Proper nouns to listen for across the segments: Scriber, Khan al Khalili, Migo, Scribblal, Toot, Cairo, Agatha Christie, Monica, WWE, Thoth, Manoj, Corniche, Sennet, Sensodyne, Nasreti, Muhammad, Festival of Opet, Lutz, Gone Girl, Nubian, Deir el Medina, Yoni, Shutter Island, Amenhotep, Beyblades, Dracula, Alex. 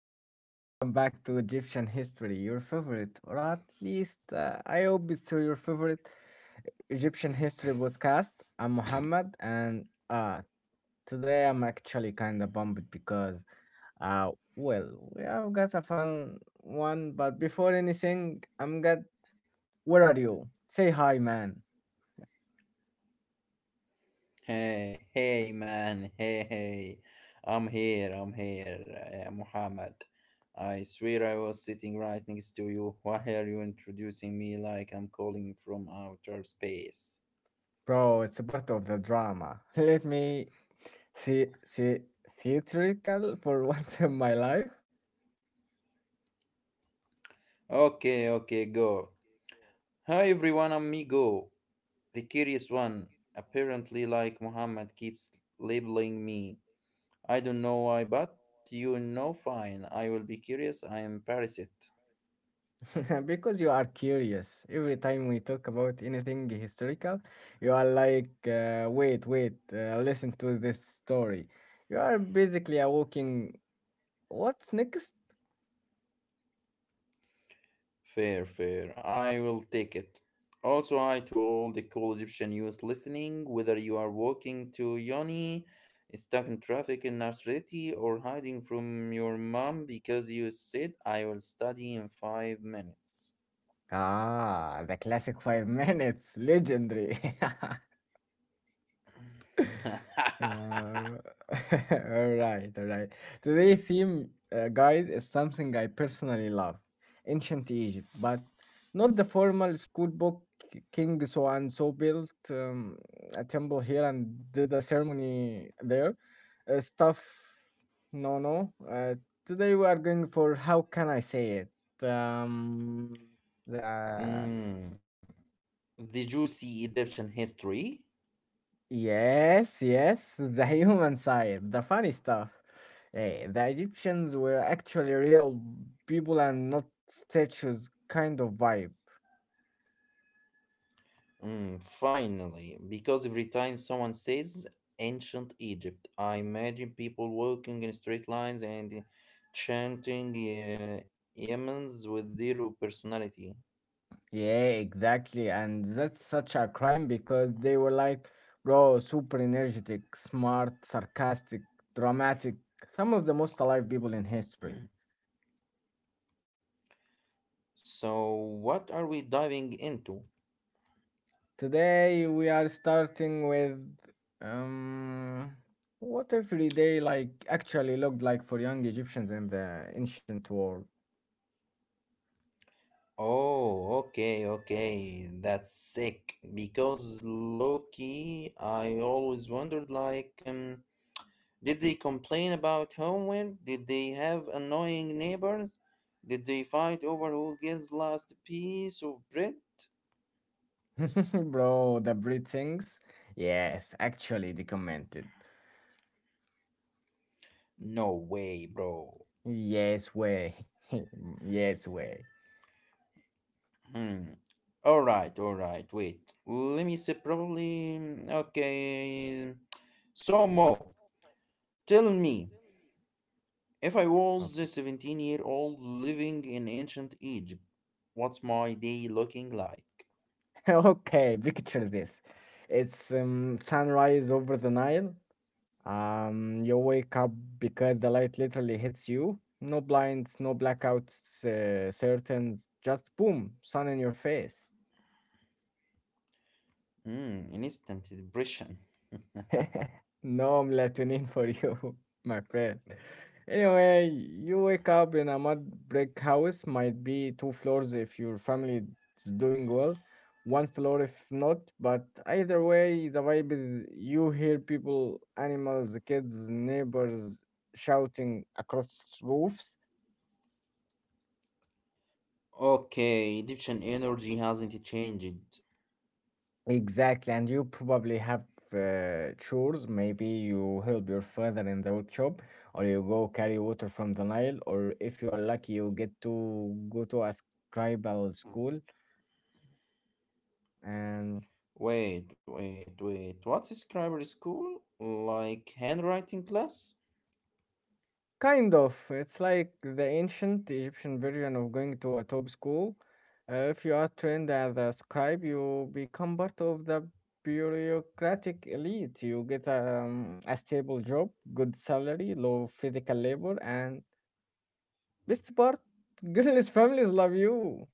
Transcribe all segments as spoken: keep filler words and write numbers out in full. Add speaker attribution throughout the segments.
Speaker 1: welcome back to Egyptian History, your favorite, or at least uh, I hope it's your favorite Egyptian History podcast. I'm Muhammad, and uh, today I'm actually kind of bummed because, uh, well, we have got a fun one, but before anything, I'm got. Where are you? Say hi, man.
Speaker 2: Hey, hey man, hey, hey. I'm here, I'm here, uh, Muhammad. I swear I was sitting right next to you. Why are you introducing me like I'm calling from outer space?
Speaker 1: Bro, it's a part of the drama. Let me see, see, theatrical for once in my life.
Speaker 2: Okay, okay, go. Hi everyone, I'm Migo, the curious one. Apparently, like Muhammad keeps labeling me. I don't know why, but you know fine. I will be curious, I am parasite.
Speaker 1: Because you are curious. Every time we talk about anything historical, you are like, uh, wait, wait, uh, listen to this story. You are basically a walking, what's next?
Speaker 2: Fair, fair. I will take it. Also, hi to all the cool Egyptian youth listening, whether you are walking to Yoni, stuck in traffic in Nasreti, or hiding from your mom because you said I will study in five minutes.
Speaker 1: Ah, the classic five minutes, legendary. Uh, all right, all right. Today's theme, uh, guys, is something I personally love, ancient Egypt, but not the formal school book. King so and so built um, a temple here and did a ceremony there. Uh, stuff, no, no. Uh, today we are going for how can I say it? Um, the
Speaker 2: Hmm. Did you see Egyptian history.
Speaker 1: Yes, yes, the human side, the funny stuff. Eh, the Egyptians were actually real people and not statues kind of vibe.
Speaker 2: Mm, finally, because every time someone says ancient Egypt, I imagine people walking in straight lines and chanting uh, Yemens with zero personality.
Speaker 1: Yeah, exactly. And that's such a crime because they were like, bro, super energetic, smart, sarcastic, dramatic, some of the most alive people in history.
Speaker 2: So, what are we diving into?
Speaker 1: Today we are starting with um, what everyday like actually looked like for young Egyptians in the ancient world.
Speaker 2: Oh, okay, okay, that's sick. Because low key, I always wondered like, um, did they complain about homework? Did they have annoying neighbors? Did they fight over who gets last piece of bread?
Speaker 1: Bro, the breathings. Yes, actually documented.
Speaker 2: No way, bro.
Speaker 1: Yes way. Yes way.
Speaker 2: Hmm. All right, all right. Wait. Let me see. Probably. mm, Okay. So Mo, tell me, if I was
Speaker 1: Okay.
Speaker 2: a seventeen-year-old living in ancient Egypt, what's my day looking like?
Speaker 1: Okay, picture this. It's um, sunrise over the Nile. Um, you wake up because the light literally hits you. No blinds, no blackouts, uh, curtains, just boom, sun in your face.
Speaker 2: Hmm. An instant depression.
Speaker 1: No melatonin for you, my friend. Anyway, you wake up in a mud brick house, might be two floors if your family is doing well, one floor if not, but either way, the vibe is you hear people, animals, kids, neighbors shouting across roofs.
Speaker 2: Okay, Egyptian energy hasn't changed.
Speaker 1: Exactly, and you probably have uh, chores. Maybe you help your father in the workshop, or you go carry water from the Nile, or if you are lucky, you get to go to a scribal school. And
Speaker 2: Wait, wait, wait. What's scriber school? Like handwriting class?
Speaker 1: kind of, it's like the ancient Egyptian version of going to a top school. Uh, if you are trained as a scribe, you become part of the bureaucratic elite. You get um, a stable job, good salary, low physical labor, and best part, girls' families love you.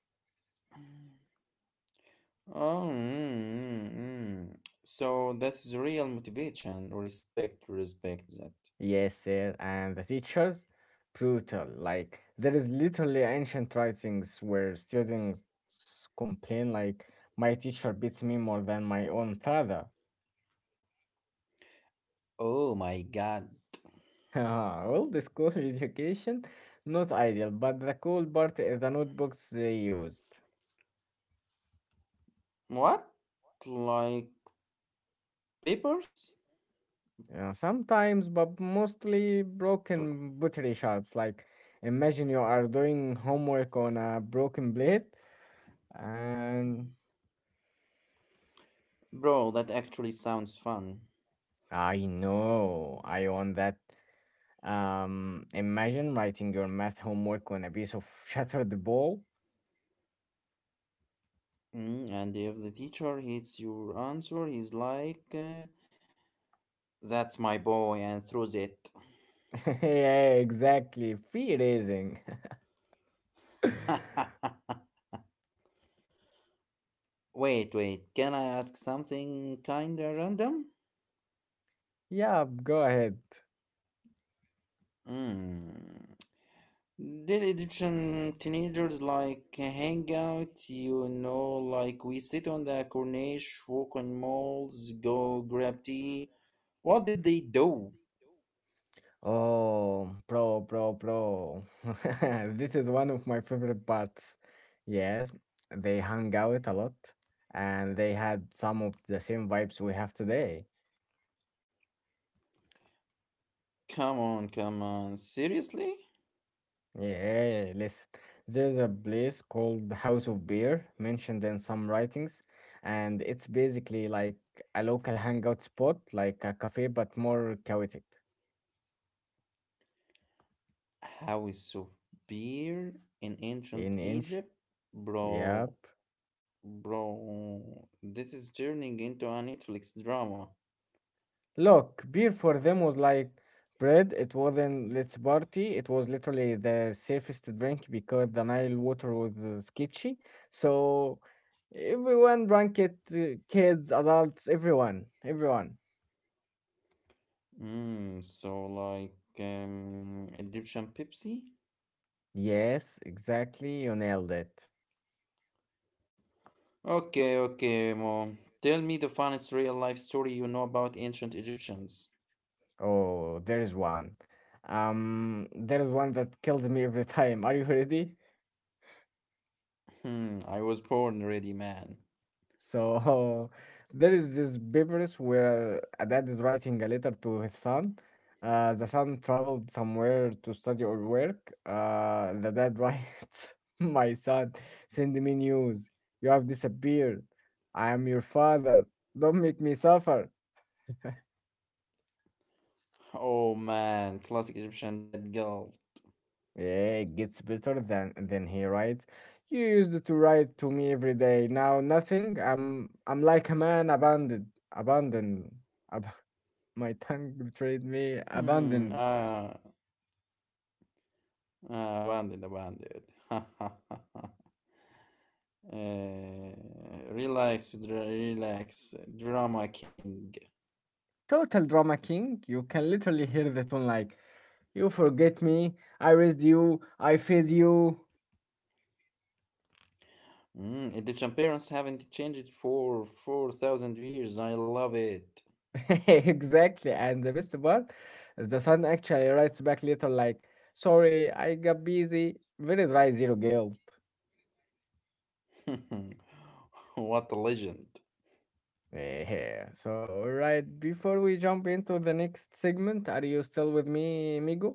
Speaker 2: Oh, mm, mm, mm. So that's real motivation. Respect, respect that.
Speaker 1: Yes, sir, and the teachers, brutal. Like there is literally ancient writings where students complain like my teacher beats me more than my own father.
Speaker 2: Oh my god.
Speaker 1: Well, the school education, not ideal, but the cool part is the notebooks they used.
Speaker 2: What? Like papers?
Speaker 1: Uh, sometimes, but mostly
Speaker 2: Bro,
Speaker 1: broken buttery shards. Like imagine you are doing homework on a broken blade. And
Speaker 2: bro, that actually sounds fun.
Speaker 1: I know. I own that. Um, imagine writing your math homework on a piece of shattered ball.
Speaker 2: Mm, and if the teacher hits your answer, he's like, uh, that's my boy, and throws it.
Speaker 1: Yeah, exactly. Free raising.
Speaker 2: Wait, wait, can I ask something kinda random?
Speaker 1: Yeah, go ahead.
Speaker 2: Hmm. Did Egyptian teenagers like hang out, you know, like we sit on the corniche, walk on malls, go grab tea? What did they do?
Speaker 1: Oh, pro, pro, pro. This is one of my favorite parts. Yes, they hung out a lot, and they had some of the same vibes we have today.
Speaker 2: Come on, come on, seriously?
Speaker 1: Yeah, listen. There is a place called the House of Beer mentioned in some writings, and it's basically like a local hangout spot, like a cafe but more chaotic.
Speaker 2: How is of beer in
Speaker 1: In
Speaker 2: ancient
Speaker 1: inch,
Speaker 2: Egypt?
Speaker 1: yep.
Speaker 2: Bro, bro, this is turning into a Netflix drama.
Speaker 1: Look, beer for them was like bread. It wasn't let's party. It was literally the safest drink because the Nile water was uh, sketchy. So everyone drank it. uh, Kids, adults, everyone, everyone.
Speaker 2: Mm, so like um, Egyptian Pepsi?
Speaker 1: Yes, exactly. You nailed it.
Speaker 2: Okay, okay, Mo, tell me the funniest real life story you know about ancient Egyptians.
Speaker 1: Oh, there is one. Um, there is one that kills me every time. Are you ready?
Speaker 2: Hmm, I was born ready, man.
Speaker 1: So, there is this papers where a dad is writing a letter to his son. Uh, the son traveled somewhere to study or work. Uh, the dad writes, "My son, send me news. You have disappeared. I am your father. Don't make me suffer."
Speaker 2: Oh man, classic Egyptian dead girl.
Speaker 1: Yeah, it gets better than than he writes. You used to write to me every day. Now nothing. I'm I'm like a man abandoned, abandoned. Ab- my tongue betrayed me.
Speaker 2: Hmm,
Speaker 1: Abandoned.
Speaker 2: ah, ah, abandoned, abandoned. Ha ha ha ha. Eh, Relax, dra- relax, drama king.
Speaker 1: Total drama king. You can literally hear the tone like you forget me. I raised you. I fed you.
Speaker 2: Mm, Egyptian parents haven't changed for four thousand years. I love it.
Speaker 1: Exactly. And the best part, the son actually writes back later like, sorry, I got busy. Very dry, zero guilt.
Speaker 2: What a legend.
Speaker 1: Eh, yeah. So, right before we jump into the next segment, are you still with me, Migo?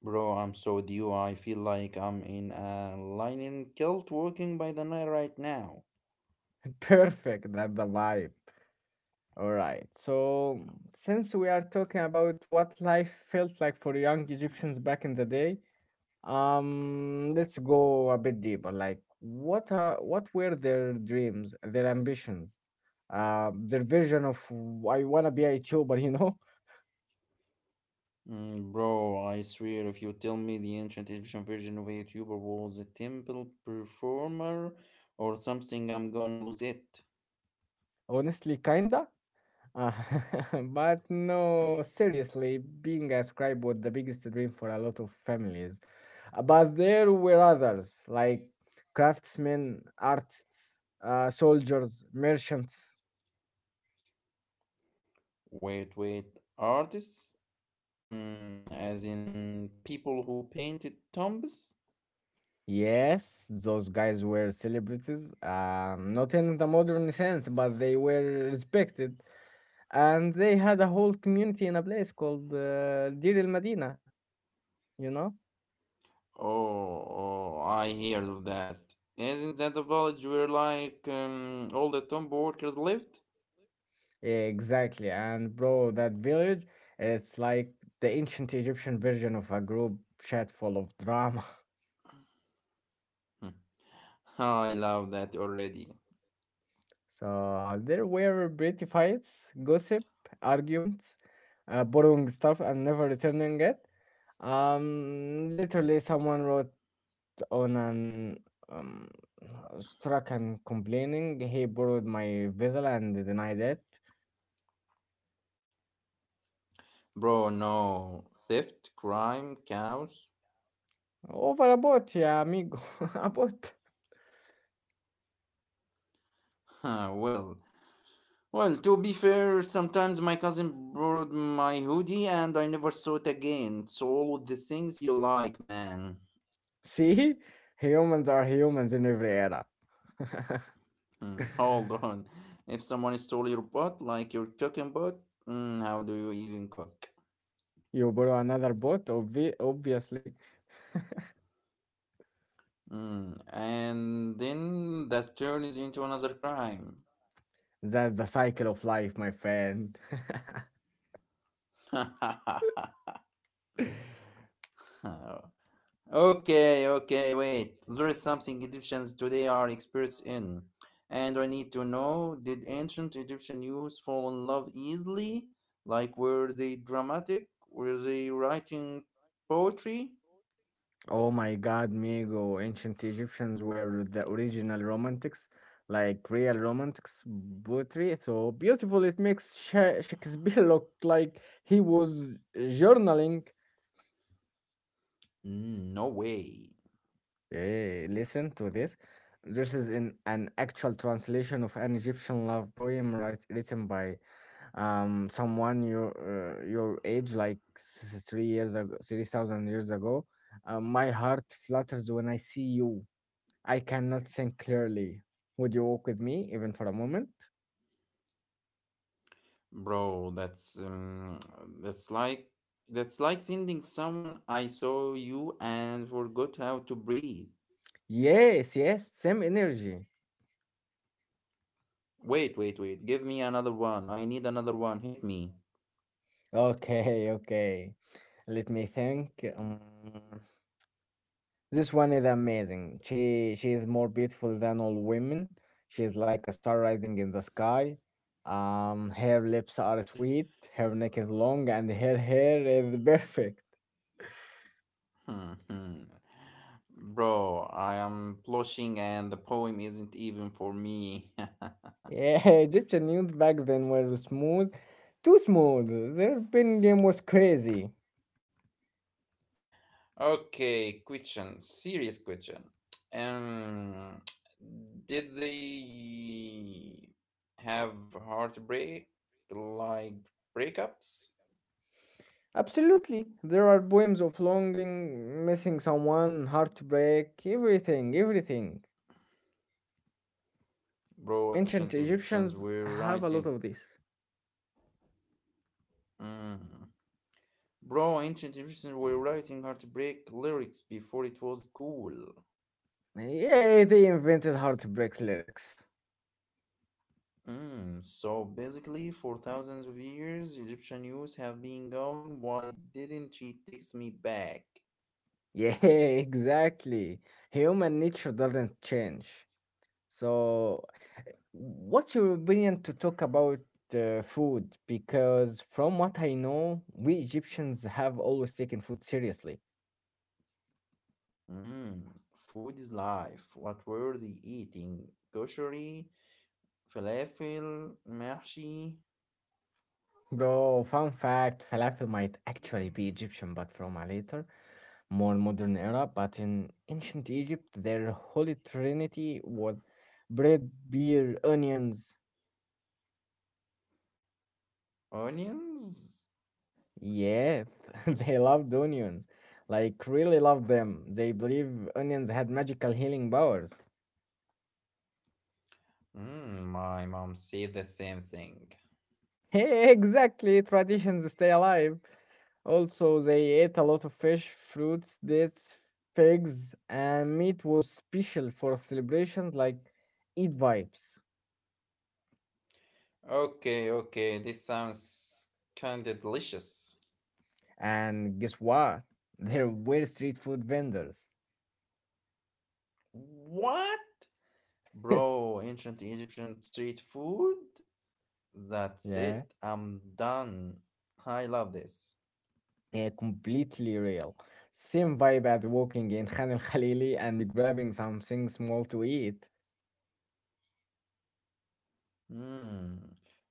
Speaker 2: Bro, I'm so with you. I feel like I'm in a linen kilt walking by the night right now.
Speaker 1: Perfect. That's the vibe. All right. So, since we are talking about what life felt like for young Egyptians back in the day, um, let's go a bit deeper. Like, what are what were their dreams, their ambitions, uh, their vision of I wanna be a YouTuber? You know,
Speaker 2: Mm, bro, I swear if you tell me the ancient Egyptian version of a YouTuber was a temple performer or something, I'm gonna lose it.
Speaker 1: honestly, kinda. Uh, but no, seriously, being a scribe was the biggest dream for a lot of families. Uh, But there were others, like craftsmen, artists, uh, soldiers, merchants.
Speaker 2: Wait, wait, artists? Mm, as in people who painted tombs?
Speaker 1: Yes, those guys were celebrities, um, not in the modern sense, but they were respected. And they had a whole community in a place called uh, Deir el Medina, you know?
Speaker 2: Oh, oh, I hear of that. Isn't that the village where, like, um, all the Tomb workers lived?
Speaker 1: Exactly. And bro, that village, it's like the ancient Egyptian version of a group chat full of drama.
Speaker 2: Hmm. I love that already.
Speaker 1: So there were pretty fights, gossip, arguments, uh, borrowing stuff and never returning it. Um, literally, someone wrote on an um, struck and complaining he borrowed my vessel and denied it
Speaker 2: Bro, no. Theft, crime, chaos.
Speaker 1: over a boat. Yeah, amigo, a boat.
Speaker 2: Huh, well, well, to be fair, sometimes my cousin borrowed my hoodie and I never saw it again. It's all the things you like, man.
Speaker 1: See, humans are humans in every era.
Speaker 2: Hmm, hold on. If someone stole your pot, like your cooking pot, mm, how do you even cook?
Speaker 1: You borrow another boat, obvi- obviously.
Speaker 2: Mm, and then that turns into another crime.
Speaker 1: That's the cycle of life, my friend.
Speaker 2: Okay, okay, wait. There is something Egyptians today are experts in. And I need to know did ancient Egyptian youths fall in love easily? Like, were they dramatic? Were they writing poetry?
Speaker 1: Oh my God, Migo, ancient Egyptians were the original romantics, like real romantics poetry. So beautiful, it makes Sha- Shakespeare look like he was journaling.
Speaker 2: Mm, no way.
Speaker 1: Eh, listen to this. This is in an actual translation of an Egyptian love poem writ- written by um someone your uh, your age, like th- three years ago, three thousand years ago. Uh, my heart flutters when I see you. I cannot think clearly. Would you walk with me even for a moment?
Speaker 2: Bro, that's um, that's like that's like sending someone I saw you and forgot how to breathe.
Speaker 1: Yes, yes, same energy.
Speaker 2: Wait, wait, wait. Give me another one. I need another one. Hit me.
Speaker 1: Okay, okay. Let me think. Um, this one is amazing. She she is more beautiful than all women. She is like a star rising in the sky. Um, her lips are sweet. Her neck is long, and her hair is perfect.
Speaker 2: Hmm, hmm. Bro, I am blushing and the poem isn't even for me.
Speaker 1: Yeah, Egyptian youth back then were smooth, too smooth. Their pin game was crazy.
Speaker 2: Okay, question. Serious question. Um, did they have heartbreak like breakups?
Speaker 1: Absolutely. There are poems of longing, missing someone, heartbreak, everything, everything.
Speaker 2: Bro,
Speaker 1: Ancient
Speaker 2: ancient Egyptians
Speaker 1: Egyptians
Speaker 2: were
Speaker 1: have a lot
Speaker 2: writing.
Speaker 1: of this.
Speaker 2: Mm. Bro, ancient Egyptians were writing heartbreak lyrics before it was cool.
Speaker 1: Yeah, they invented heartbreak lyrics.
Speaker 2: Mm. So basically, for thousands of years, Egyptian youths have been going, why didn't she text me back?
Speaker 1: Yeah, exactly. Human nature doesn't change. So, what's your opinion to talk about uh, food? Because from what I know, we Egyptians have always taken food seriously.
Speaker 2: Mm. Food is life. What were they eating? Kosheri, falafel, mahshi,
Speaker 1: Bro, fun fact, falafel might actually be Egyptian, but from a later, more modern era. But in ancient Egypt, their holy trinity was bread, beer, onions.
Speaker 2: onions?
Speaker 1: Yes, they loved onions. Like, really loved them. They believe onions had magical healing powers.
Speaker 2: Mm, my mom said the same thing.
Speaker 1: Hey, exactly, traditions stay alive. Also, they ate a lot of fish, fruits, dates, figs, and meat was special for celebrations like Eid vibes.
Speaker 2: Okay, okay, this sounds kinda delicious.
Speaker 1: And guess what? There were street food vendors.
Speaker 2: What? Bro, ancient Egyptian street food? That's it,
Speaker 1: Yeah,
Speaker 2: I'm done. I love this.
Speaker 1: yeah, completely real. Same vibe as walking in Khan al Khalili and grabbing something small to eat.
Speaker 2: Hmm.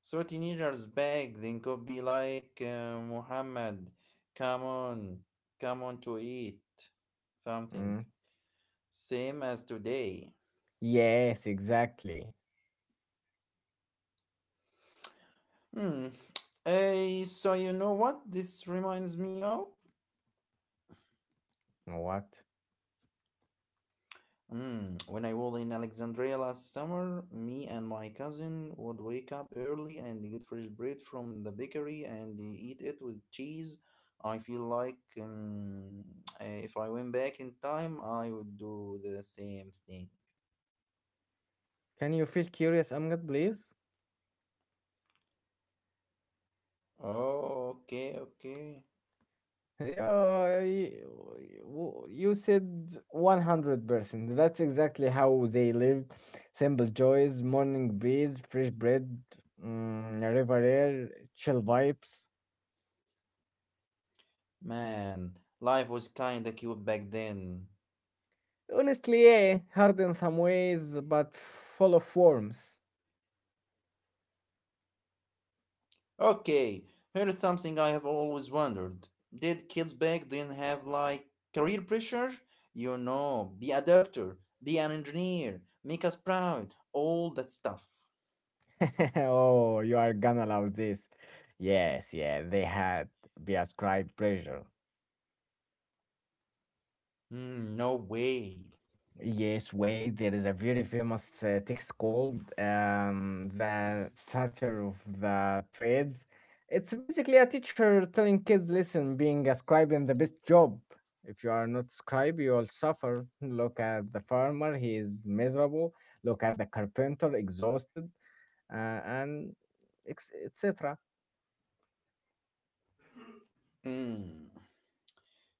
Speaker 2: So teenagers beg, then could be like uh, Muhammad, come on, come on to eat something.
Speaker 1: Mm.
Speaker 2: Same as today.
Speaker 1: Yes, exactly.
Speaker 2: Hmm. Eh, so you know what this reminds me of?
Speaker 1: You know what?
Speaker 2: Mm, when I was in Alexandria last summer, me and my cousin would wake up early and get fresh bread from the bakery and eat it with cheese. I feel like um, eh, if I went back in time, I would do the same thing.
Speaker 1: Can you feel curious, Amgad, please?
Speaker 2: Oh, okay, okay.
Speaker 1: Yeah, you, you said one hundred percent. That's exactly how they lived. Simple joys, morning breeze, fresh bread, mm, river air, chill vibes.
Speaker 2: Man, life was kinda cute back then.
Speaker 1: Honestly, yeah, hard in some ways, but full of warmth.
Speaker 2: Okay, here's something I have always wondered. Did kids back then have like career pressure? You know, be a doctor, be an engineer, make us proud, all that stuff.
Speaker 1: Oh, you are gonna love this. Yes, yeah, they had be ascribed pressure.
Speaker 2: Hmm, no way.
Speaker 1: Yes, wait, there is a very famous uh, text called um, The Satyr of the Trades. It's basically a teacher telling kids, listen, being a scribe is the best job. If you are not scribe, you will suffer. Look at the farmer, he is miserable. Look at the carpenter, exhausted, uh, and ex- et cetera.
Speaker 2: Hmm.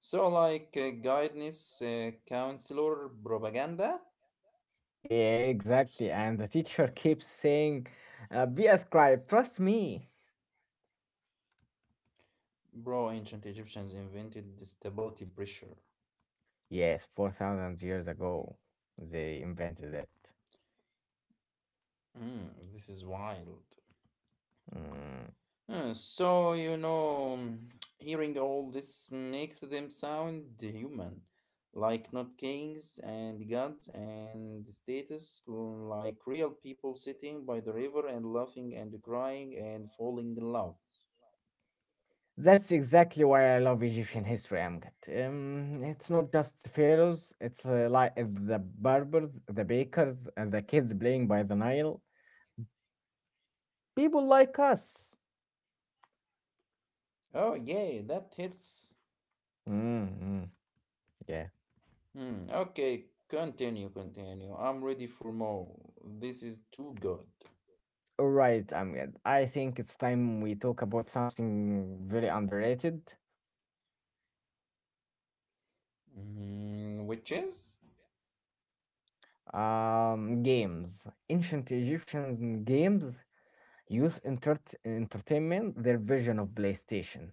Speaker 2: So, like uh, guidance, uh, counselor, propaganda?
Speaker 1: Yeah, exactly. And the teacher keeps saying, uh, be a scribe, trust me.
Speaker 2: Bro, ancient Egyptians invented the stability pressure.
Speaker 1: Yes, four thousand years ago, they invented it.
Speaker 2: Hmm, this is wild.
Speaker 1: Mm.
Speaker 2: Uh, so, you know, mm, hearing all this makes them sound human, like not kings and gods and status, like real people sitting by the river and laughing and crying and falling in love.
Speaker 1: That's exactly why I love Egyptian history, Amjad. Um, it's not just the pharaohs, it's uh, like it's the barbers, the bakers, and the kids playing by the Nile. People like us.
Speaker 2: Oh, yeah, that hits.
Speaker 1: Mm-hmm. Yeah.
Speaker 2: Hmm, okay, continue, continue. I'm ready for more. This is too good.
Speaker 1: All right, Amjad. I think it's time we talk about something very underrated.
Speaker 2: Mm, which is?
Speaker 1: Um, games. Ancient Egyptian games youth entert- entertainment, their version of PlayStation.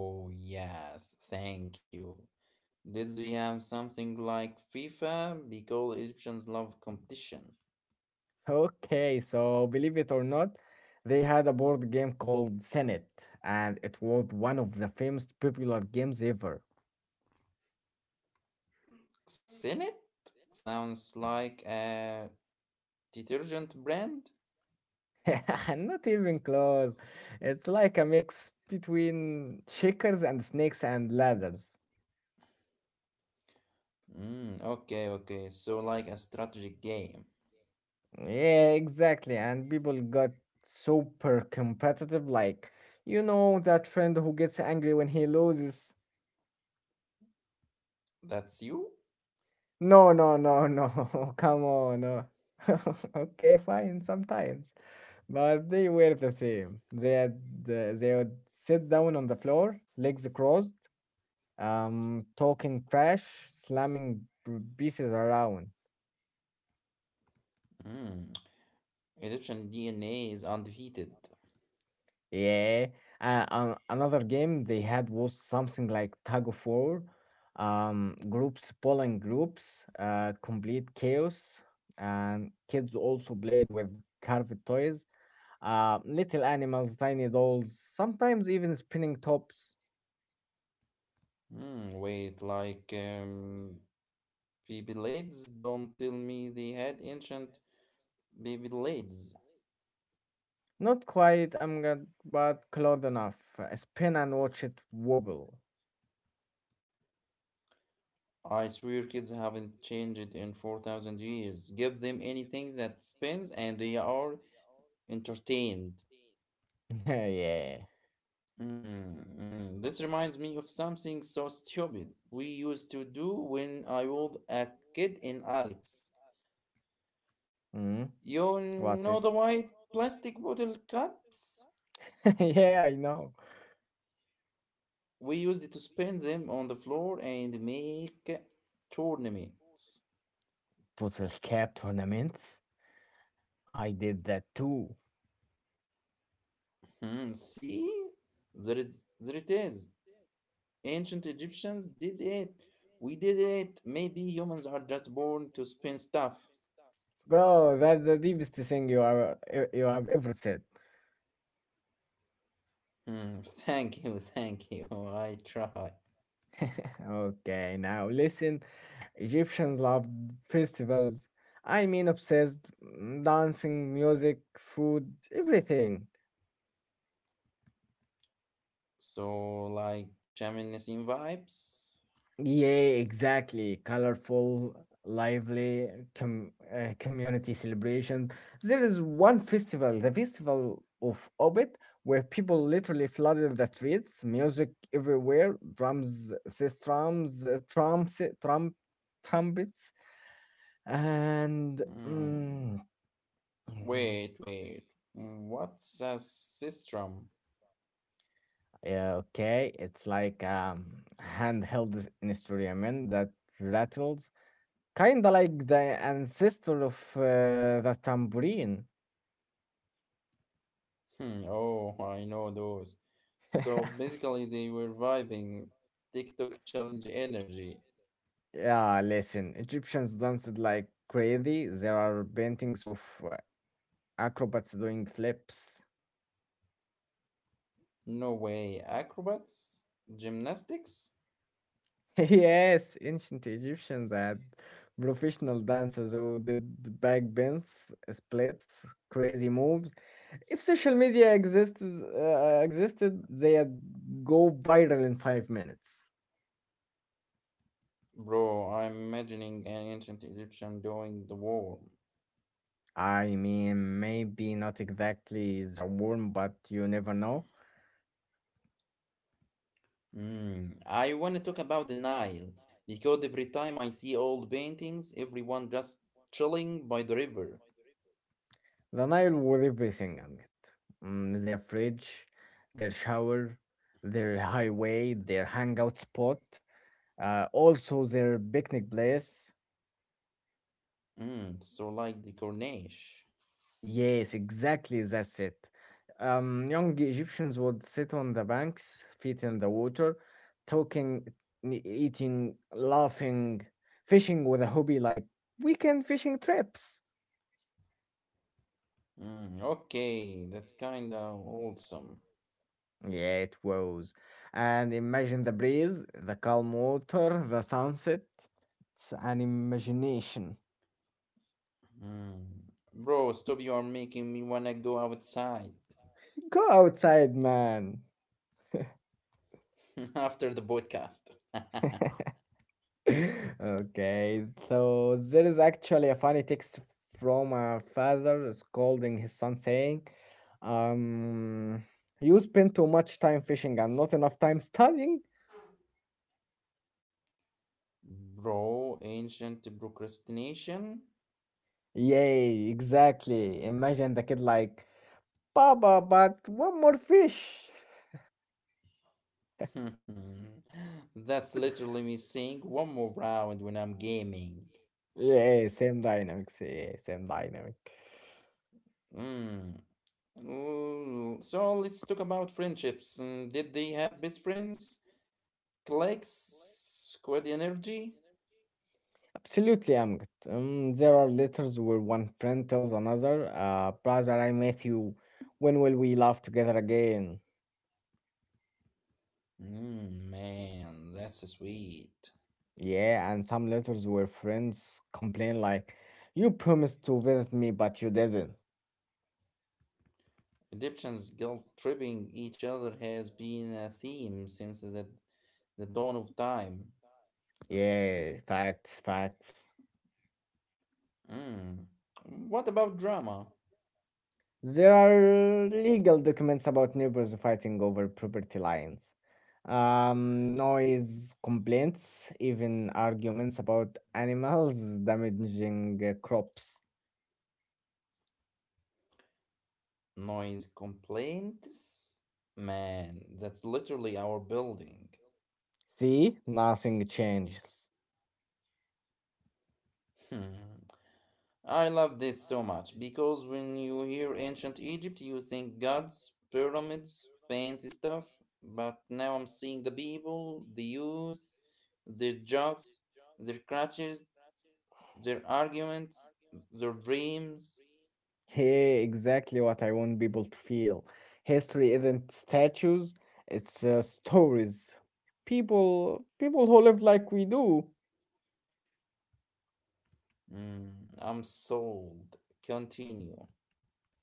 Speaker 2: Bro, yes, thank you. Did we have something like FIFA? Because Egyptians love competition.
Speaker 1: Okay, so believe it or not, they had a board game called Senate, and it was one of the famous, popular games ever.
Speaker 2: Senate sounds like a detergent brand.
Speaker 1: Mm. Not even close. It's like a mix between checkers and snakes and ladders.
Speaker 2: Mm, okay, okay. So like a strategic game.
Speaker 1: Yeah, exactly. And people got super competitive. Like, you know, that friend who gets angry when he loses.
Speaker 2: That's you?
Speaker 1: No, no, no, no. Come on. No. Okay, fine, sometimes. But they were the same. They had, uh, they would sit down on the floor, legs crossed, um, talking trash, slamming p- pieces around.
Speaker 2: Mm. Egyptian D N A is undefeated.
Speaker 1: Yeah, uh, an another game they had was something like tug of war, um, groups pulling groups, uh, complete chaos, and kids also played with carved toys, uh, little animals, tiny dolls, sometimes even spinning tops.
Speaker 2: Hmm, wait, like um, Beyblades? Don't tell me they had ancient Beyblades.
Speaker 1: Not quite, I'm good, but close enough. Uh, Spin and watch it wobble.
Speaker 2: I swear kids haven't changed in four thousand years. Give them anything that spins and they are entertained.
Speaker 1: Yeah,
Speaker 2: Mm, mm. This reminds me of something so stupid we used to do when I was a kid in Alex.
Speaker 1: mm,
Speaker 2: You
Speaker 1: what it?
Speaker 2: know the white plastic bottle cups?
Speaker 1: Yeah, I know.
Speaker 2: We used to spin them on the floor and make tournaments.
Speaker 1: Puzzle cap tournaments. I did that too.
Speaker 2: Hmm, see? There, is, there it is. Ancient Egyptians did it. We did it. Maybe humans are just born to spin stuff.
Speaker 1: Bro, that's the deepest thing you have you have ever said.
Speaker 2: Hmm, thank you, thank you. I try.
Speaker 1: Okay, now listen. Egyptians love festivals. I mean, obsessed. mm, Dancing, music, food, everything.
Speaker 2: So, like shamanism vibes?
Speaker 1: Yeah, exactly. Colorful, lively com uh, community celebration. There is one festival, the Festival of Obit, where people literally flooded the streets, music everywhere, drums, sis drums, uh, trumps, trump, trumpets, and mm,
Speaker 2: Hmm.
Speaker 1: mm,
Speaker 2: Wait, wait. What's a sistrum?
Speaker 1: yeah, okay, it's like um handheld instrument that rattles. Kinda like the ancestor of uh, the tambourine.
Speaker 2: Hmm, oh, I know those. So basically, they were vibing TikTok challenge energy.
Speaker 1: Yeah, listen, Egyptians danced like crazy. There are paintings of uh, acrobats doing flips.
Speaker 2: No way. Acrobats? Gymnastics?
Speaker 1: Yes, ancient Egyptians had professional dancers who did backbends, splits, crazy moves. If social media exists, uh, existed, they'd go viral in five minutes.
Speaker 2: Bro, I'm imagining an ancient Egyptian doing the war.
Speaker 1: I mean, maybe not exactly the worm, but you never know.
Speaker 2: Mm. I want to talk about the Nile because every time I see old paintings, everyone just chilling by the river.
Speaker 1: The Nile with everything on it. Mm, their fridge, their shower, their highway, their hangout spot, uh, also their picnic place.
Speaker 2: Mm. So like the Corniche.
Speaker 1: Yes, exactly, that's it. Um, young Egyptians would sit on the banks, feet in the water, talking, n- eating, laughing, fishing with a hobby like weekend fishing trips.
Speaker 2: Mm. Okay, that's kinda awesome.
Speaker 1: Yeah, it was. And imagine the breeze, the calm water, the sunset. It's an imagination.
Speaker 2: Mm. Bro, stop! You are making me wanna go outside
Speaker 1: Go outside, man.
Speaker 2: after the podcast.
Speaker 1: Okay, so there is actually a funny text from a father scolding his son saying, um, you spend too much time fishing and not enough time studying?
Speaker 2: Bro, ancient procrastination.
Speaker 1: Yay, exactly. Imagine the kid like, Papa, but one more fish.
Speaker 2: That's literally me saying one more round when I'm gaming.
Speaker 1: Yeah, same dynamics. Yeah, same dynamic.
Speaker 2: Mm. Ooh, so let's talk about friendships. Mm, did they have best friends? Clicks? Squad energy?
Speaker 1: Absolutely, I'm good. Um, there are letters where one friend tells another, uh, brother, I met you. When will we laugh together again?
Speaker 2: Mm, man, that's sweet.
Speaker 1: Yeah, and some letters where friends complain like, you promised to visit me, but you didn't.
Speaker 2: Egyptians guilt tripping each other has been a theme since the, the dawn of time.
Speaker 1: Yeah, facts, facts.
Speaker 2: Mm. What about drama?
Speaker 1: There are legal documents about neighbors fighting over property lines, um, noise complaints, even arguments about animals damaging uh, crops.
Speaker 2: Noise complaints? Man, that's literally our building.
Speaker 1: See, nothing changes.
Speaker 2: Hmm. I love this so much because when you hear ancient Egypt, you think gods, pyramids, fancy stuff. But now I'm seeing the people, the youth, their jokes, their crutches, their arguments, their dreams.
Speaker 1: Hey, exactly what I want people to feel. History isn't statues; it's uh, stories. People, people who live like we do.
Speaker 2: Hmm, I'm sold. Continue.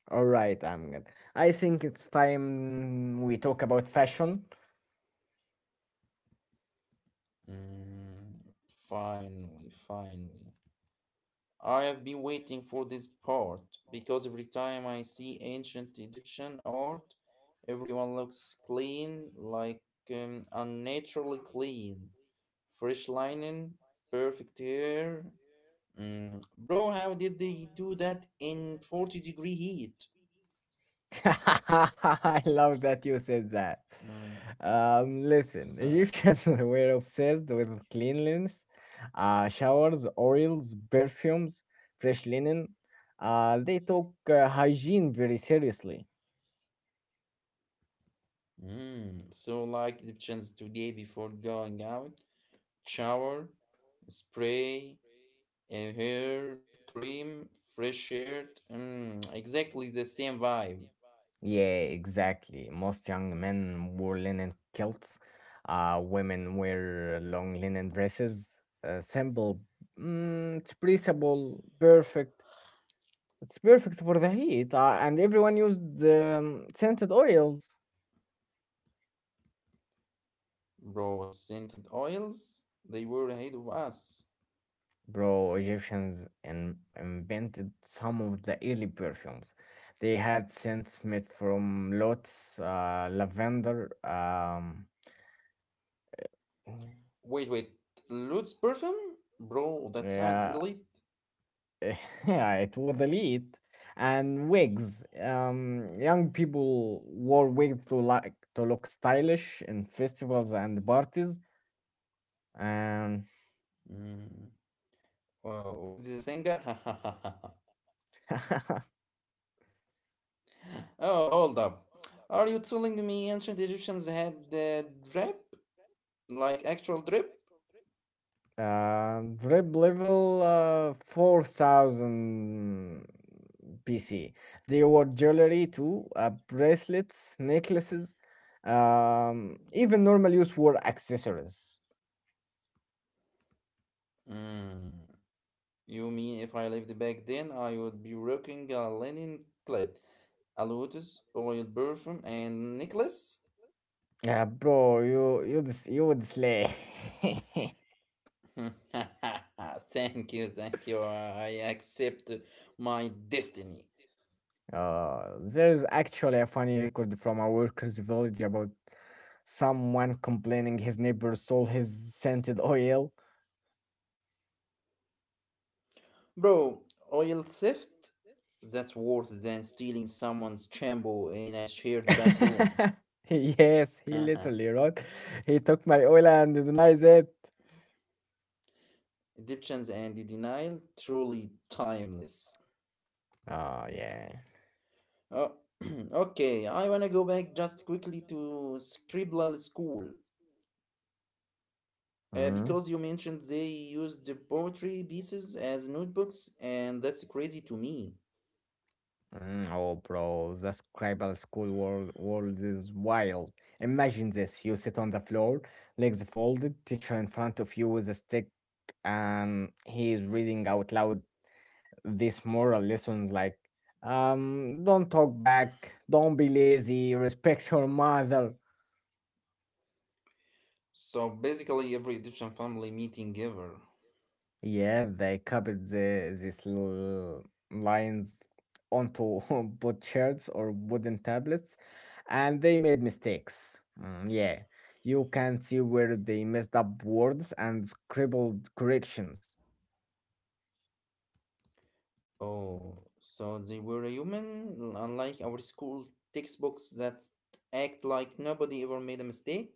Speaker 1: All right, I'm good. I think it's time we talk about fashion.
Speaker 2: Hmm, finally, finally. I have been waiting for this part because every time I see ancient Egyptian art, everyone looks clean, like um, unnaturally clean. Fresh lining, perfect hair. Mm, bro, how did they do that in forty degree heat?
Speaker 1: I love that you said that.
Speaker 2: Mm,
Speaker 1: Um,
Speaker 2: huh.
Speaker 1: listen, Egyptians were obsessed with cleanliness, uh, showers, oils, perfumes, fresh linen. Uh, they took uh, hygiene very seriously.
Speaker 2: Mm, so, like Egyptians today, before going out, shower, spray, and hair cream, fresh shirt. Mm, exactly the same vibe,
Speaker 1: Yeah, exactly. Most young men wore linen kilts. Uh, women wear long linen dresses. Uh, simple, mm, it's breathable, perfect it's perfect for the heat, uh, and everyone used um, scented oils.
Speaker 2: bro. Scented oils, they were ahead of us.
Speaker 1: Bro, Egyptians in- invented some of the early perfumes. They had scents made from lotus, uh, lavender. Um,
Speaker 2: Wait, wait, Lutz perfume? Bro, that sounds
Speaker 1: yeah,
Speaker 2: elite.
Speaker 1: yeah, it was elite. And wigs. Um, young people wore wigs to like to look stylish in festivals and parties. Um,
Speaker 2: Mm. Wow, what's the singer? Oh, hold up. Are you telling me ancient Egyptians had uh, drip? Like actual drip?
Speaker 1: Um, rep level uh, four thousand B C. They wore jewelry too, uh, bracelets, necklaces, um, even normal use wore accessories.
Speaker 2: Mm. You mean if I lived back then, I would be rocking a linen clad, a lotus oil perfume, and necklace?
Speaker 1: Yeah, bro, you you dis- you would slay.
Speaker 2: Thank you, thank you. I accept my destiny.
Speaker 1: Uh, there's actually a funny record from a worker's village about someone complaining his neighbor stole his scented oil.
Speaker 2: Bro, oil theft? That's worse than stealing someone's shampoo in a shared bathroom.
Speaker 1: Yes, he literally wrote, he took my oil and denies it.
Speaker 2: Egyptians and the denial, truly timeless.
Speaker 1: Oh, yeah.
Speaker 2: Oh, okay, I wanna go back just quickly to Scribblal school. Uh,
Speaker 1: Mm,
Speaker 2: because you mentioned they used the poetry pieces as notebooks, and that's crazy to me.
Speaker 1: mm, oh, bro, the scribble school world, world is wild. Imagine this: you sit on the floor, legs folded, teacher in front of you with a stick, and he is reading out loud these moral lessons like, um, don't talk back, don't be lazy, respect your mother.
Speaker 2: So basically, every Egyptian family meeting ever.
Speaker 1: Yeah, they copied the, these l- lines onto butchers or wooden tablets, and they made mistakes. Mm, yeah, you can see where they messed up words and scribbled corrections.
Speaker 2: Oh, so they were a human, unlike our school textbooks that act like nobody ever made a mistake?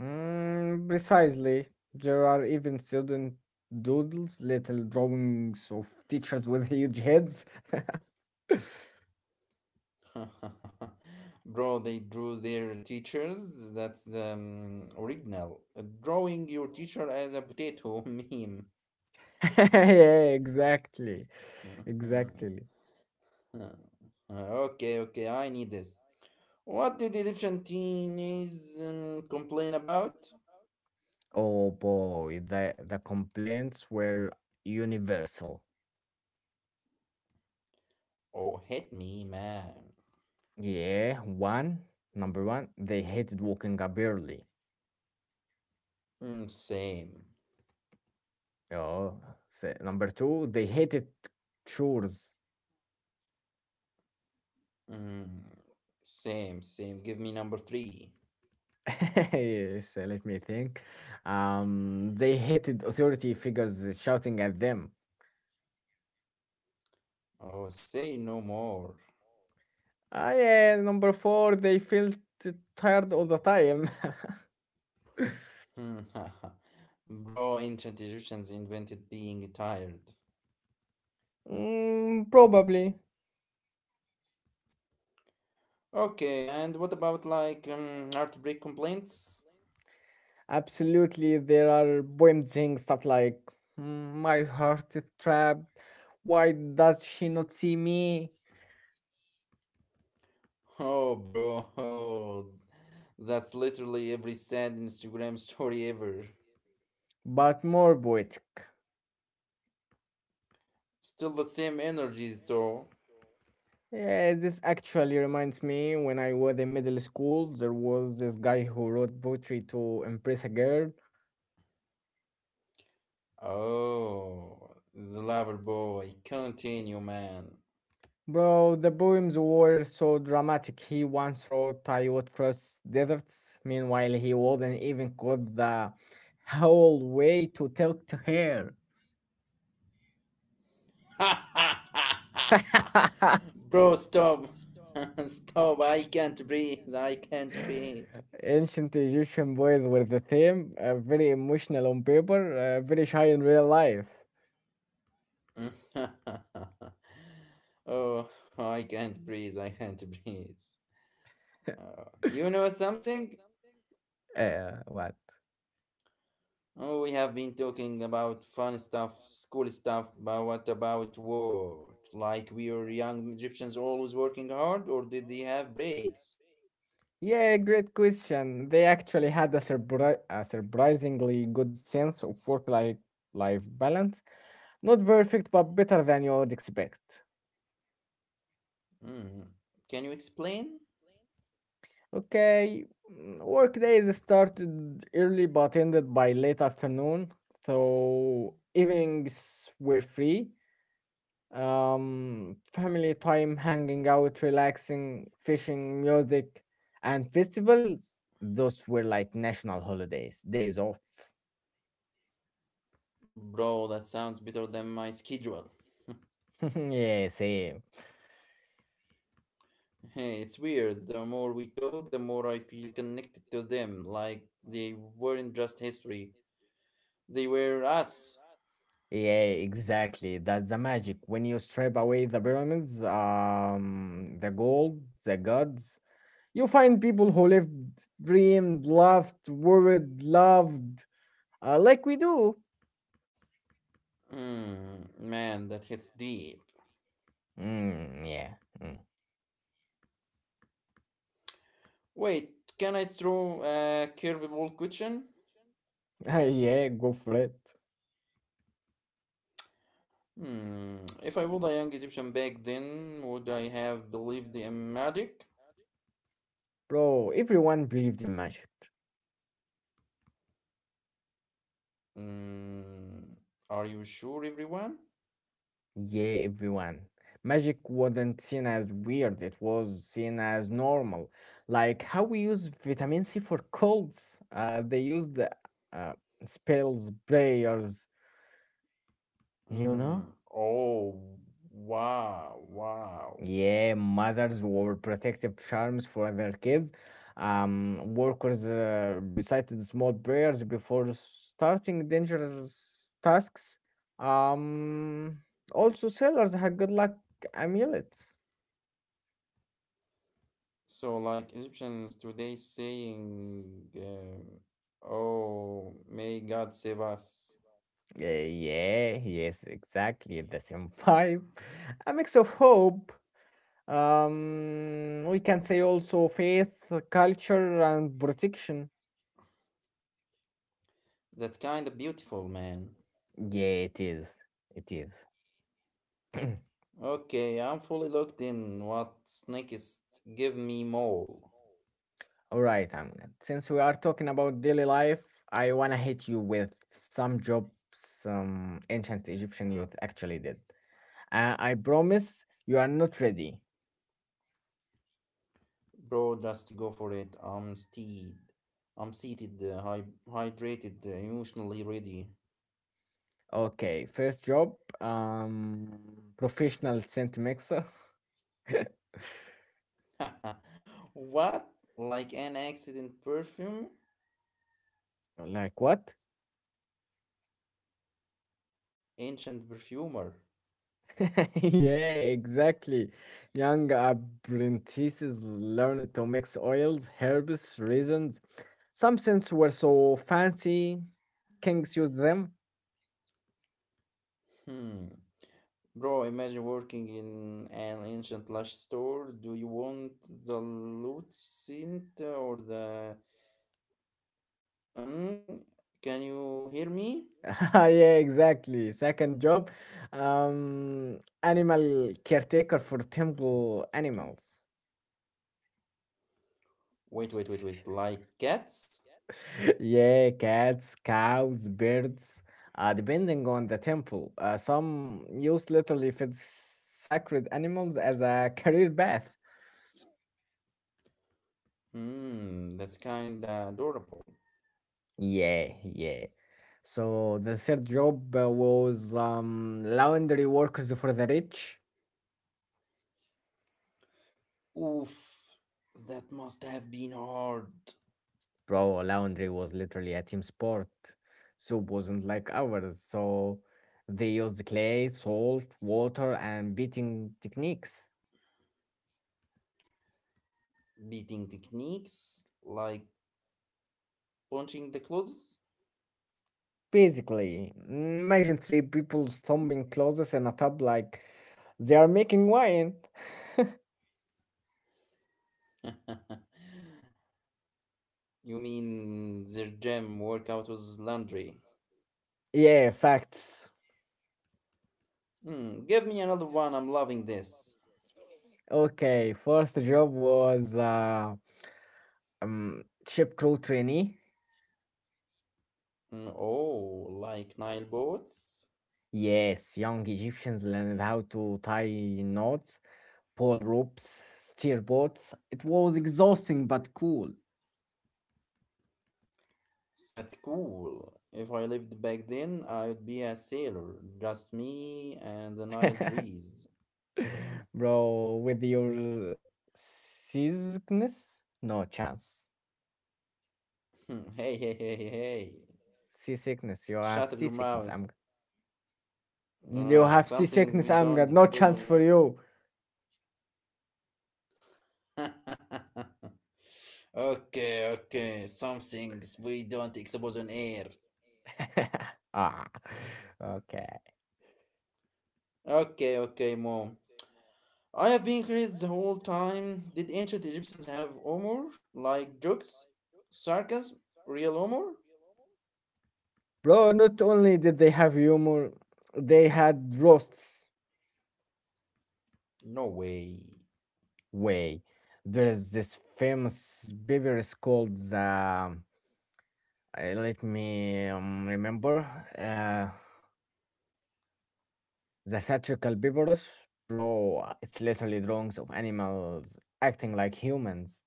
Speaker 1: Mm, precisely. There are even student doodles, little drawings of teachers with huge heads.
Speaker 2: Bro, they drew their teachers. That's um, original. Uh, Drawing your teacher as a potato meme.
Speaker 1: Yeah, exactly, exactly.
Speaker 2: Okay, okay, I need this. What did Egyptian teenies um, complain about?
Speaker 1: Oh boy, the, the complaints were universal.
Speaker 2: Oh, hit me, man.
Speaker 1: Yeah, one, number one, they hated waking up early.
Speaker 2: Mm, same.
Speaker 1: Oh, se- number two, they hated chores.
Speaker 2: Mm, same, same. Give me number three.
Speaker 1: Yes, uh, let me think. Um, they hated authority figures shouting at them.
Speaker 2: Oh, say no more.
Speaker 1: Ah, yeah, number four, they felt tired all the time.
Speaker 2: Hmm, bro, ancient Egyptians invented being tired.
Speaker 1: Mm, probably.
Speaker 2: Okay, and what about like um, heartbreak complaints?
Speaker 1: Absolutely, there are poems saying stuff like, "Mm, my heart is trapped, why does she not see me?"
Speaker 2: Oh, bro, oh, that's literally every sad Instagram story ever.
Speaker 1: But more poetic.
Speaker 2: Still the same energy, though.
Speaker 1: Yeah, this actually reminds me when I was in middle school, there was this guy who wrote poetry to impress a girl.
Speaker 2: Oh, the lover boy. Continue, man.
Speaker 1: Bro, the poems were so dramatic. He once wrote, I would cross deserts. Meanwhile, he wasn't even got the whole way to talk to her.
Speaker 2: Bro, stop. Stop. I can't breathe. I can't breathe.
Speaker 1: Ancient Egyptian boys were the same, uh, very emotional on paper, uh, very shy in real life.
Speaker 2: Oh, I can't breathe. I can't breathe. Uh, you know something?
Speaker 1: Uh, what?
Speaker 2: Oh, we have been talking about fun stuff, school stuff, but what about work? Like, were young Egyptians always working hard, or did they have breaks?
Speaker 1: Yeah, great question. They actually had a, surpri- a surprisingly good sense of work-life life balance. Not perfect, but better than you would expect.
Speaker 2: Mm. Can you explain?
Speaker 1: Okay, mm, work days started early but ended by late afternoon, so evenings were free. Um, family time, hanging out, relaxing, fishing, music, and festivals. Those were like national holidays, days off.
Speaker 2: Bro, that sounds better than my schedule.
Speaker 1: Yeah, same.
Speaker 2: Hey, it's weird. The more we talk, the more I feel connected to them. Like they weren't just history, they were us.
Speaker 1: Yeah, exactly. That's the magic. When you strip away the pyramids, um, the gold, the gods, you find people who lived, dreamed, laughed, worried, loved, uh, like we do.
Speaker 2: Mm, man, that hits deep.
Speaker 1: Mm, yeah. Mm.
Speaker 2: Wait, can I throw a curveball question?
Speaker 1: Yeah, go for it.
Speaker 2: Hmm, if I was a young Egyptian back then, would I have believed in magic?
Speaker 1: Bro, everyone believed in magic.
Speaker 2: Hmm. Are you sure, everyone?
Speaker 1: Yeah, everyone. Magic wasn't seen as weird, it was seen as normal. Like how we use vitamin C for colds. Uh, they used uh, spells, prayers, you know?
Speaker 2: Mm, oh, wow, wow.
Speaker 1: Yeah, mothers wore protective charms for their kids. Um, workers uh, recited small prayers before starting dangerous tasks. Um, Also, sailors had good luck amulets.
Speaker 2: So, like Egyptians today saying, um, oh, may God save us.
Speaker 1: Uh, yeah, yes, exactly the same vibe. A mix of hope. Um, we can say also faith, culture, and protection.
Speaker 2: That's kind of beautiful, man.
Speaker 1: Yeah, it is. It is.
Speaker 2: Okay, I'm fully looked in. What's next? Give me more.
Speaker 1: All right, Ahmed. Since we are talking about daily life, I wanna hit you with some jobs some ancient Egyptian youth actually did. Uh, I promise you are not ready.
Speaker 2: Bro, just go for it. I'm steed. I'm seated, uh, hy- hydrated, uh, emotionally ready.
Speaker 1: Okay, first job, um, professional scent mixer.
Speaker 2: What? Like an accident perfume?
Speaker 1: Like what?
Speaker 2: Ancient perfumer.
Speaker 1: Yeah, exactly. Young apprentices learned to mix oils, herbs, resins. Some scents were so fancy, kings used them.
Speaker 2: Hmm. Bro, imagine working in an ancient lush store. Do you want the loot scent or the. Mm? Can you hear me?
Speaker 1: Yeah, exactly. Second job, um, animal caretaker for temple animals.
Speaker 2: Wait, wait, wait, wait. Like cats?
Speaker 1: Yeah, cats, cows, birds, uh, depending on the temple. Uh, some use literally feed sacred animals as a career path.
Speaker 2: Hmm, that's kinda adorable.
Speaker 1: Yeah, yeah. So the third job uh, was um, laundry workers for the rich.
Speaker 2: Oof, that must have been hard.
Speaker 1: Bro, laundry was literally a team sport. Soup wasn't like ours, so they used clay, salt, water, and beating techniques.
Speaker 2: Beating techniques? Like punching the clothes?
Speaker 1: Basically, imagine three people stomping closes in a tub like they are making wine.
Speaker 2: You mean their gym workout was laundry?
Speaker 1: Yeah, facts.
Speaker 2: Mm, give me another one. I'm loving this.
Speaker 1: Okay, first job was uh, um, ship crew trainee.
Speaker 2: Mm, oh, like Nile boats?
Speaker 1: Yes, young Egyptians learned how to tie knots. Pole ropes, steer boats. It was exhausting but cool.
Speaker 2: That's cool. If I lived back then, I'd be a sailor. Just me and the Nile breeze.
Speaker 1: Bro, with your seasickness? No chance.
Speaker 2: hey, hey, hey, hey, hey.
Speaker 1: Seasickness, you have
Speaker 2: Shut up your
Speaker 1: seasickness. I'm
Speaker 2: mouth.
Speaker 1: you have
Speaker 2: Uh,
Speaker 1: seasickness.
Speaker 2: something we
Speaker 1: I'm Got no
Speaker 2: don't
Speaker 1: chance
Speaker 2: expose
Speaker 1: for
Speaker 2: on
Speaker 1: you.
Speaker 2: air. Okay, okay. Some things we don't expose on air.
Speaker 1: ah, okay,
Speaker 2: Okay, okay, mom. I have been curious the whole time. Did ancient Egyptians have humor? Like jokes? Sarcasm? Real humor?
Speaker 1: bro. Not only did they have humor, they had roasts.
Speaker 2: No way.
Speaker 1: Way. There is this famous beverage called the um, Uh, let me um, remember uh, the satirical Bibarus. Bro, it's literally drawings of animals acting like humans,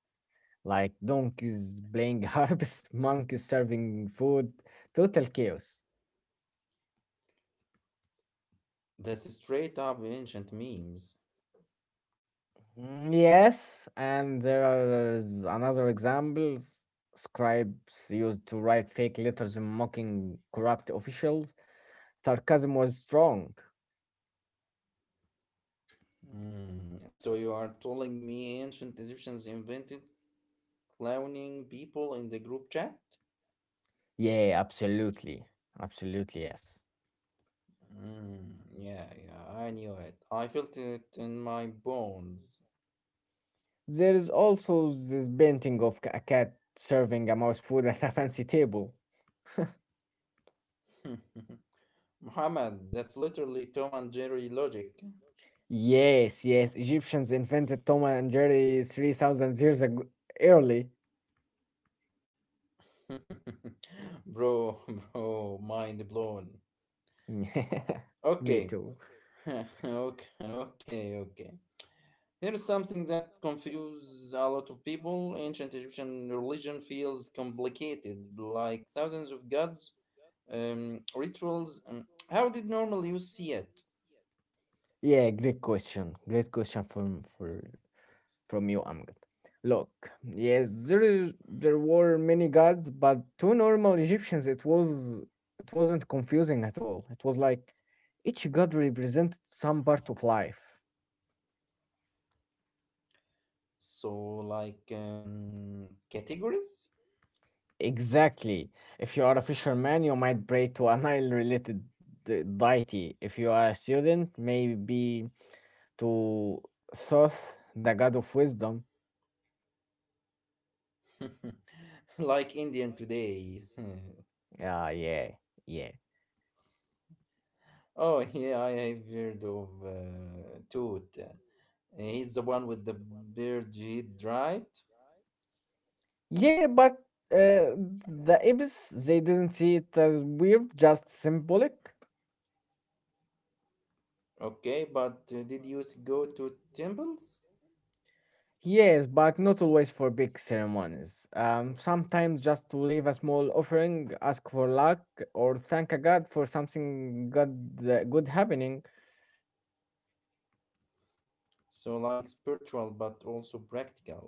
Speaker 1: like donkeys playing harps, monkeys serving food, total chaos.
Speaker 2: That's straight up ancient memes.
Speaker 1: Mm, yes, and there are another examples. Scribes used to write fake letters mocking corrupt officials. Sarcasm was strong.
Speaker 2: Hmm, so you are telling me ancient Egyptians invented clowning people in the group chat?
Speaker 1: Yeah, absolutely. Absolutely, yes.
Speaker 2: Mm, yeah, yeah, I knew it. I felt it in my bones.
Speaker 1: There is also this painting of a cat serving a mouse food at a fancy table.
Speaker 2: Muhammad, that's literally Tom and Jerry logic.
Speaker 1: Yes, yes, Egyptians invented Tom and Jerry three thousand years ago early.
Speaker 2: bro, bro, mind blown.
Speaker 1: Me
Speaker 2: Okay,
Speaker 1: too.
Speaker 2: okay, okay, okay. Here's something that confuses a lot of people. Ancient Egyptian religion feels complicated, like thousands of gods, um, rituals. Um, how did normally you see it?
Speaker 1: Yeah, great question. Great question from for from you, Amgad. Look, yes, there is, there were many gods, but to normal Egyptians it was it wasn't confusing at all. It was like each god represented some part of life.
Speaker 2: So, like um, categories,
Speaker 1: Exactly. If you are a fisherman, you might pray to a Nile related deity. If you are a student, maybe to Thoth, the god of wisdom.
Speaker 2: like Indian today.
Speaker 1: Ah, yeah, yeah.
Speaker 2: Oh yeah, I have heard of uh, Toot. He's the one with the beard, head, right?
Speaker 1: Yeah, but uh, the Ibis, they didn't see it as weird, just symbolic.
Speaker 2: Okay, but uh, did you s- go to temples?
Speaker 1: Yes, but not always for big ceremonies. Um, sometimes just to leave a small offering, ask for luck, or thank a god for something good, uh, good happening.
Speaker 2: So, like spiritual, but also practical.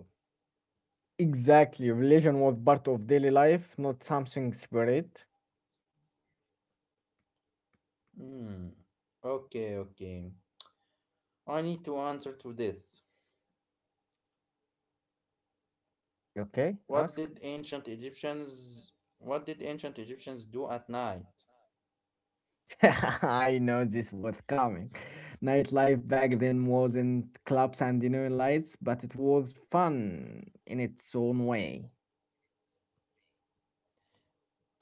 Speaker 1: Exactly. Religion was part of daily life, not something separate.
Speaker 2: Hmm. Okay, okay. I need to answer to this.
Speaker 1: Okay,
Speaker 2: What
Speaker 1: ask.
Speaker 2: did ancient Egyptians? What did ancient Egyptians do at night?
Speaker 1: I know this was coming. Nightlife back then wasn't clubs and neon lights, but it was fun in its own way.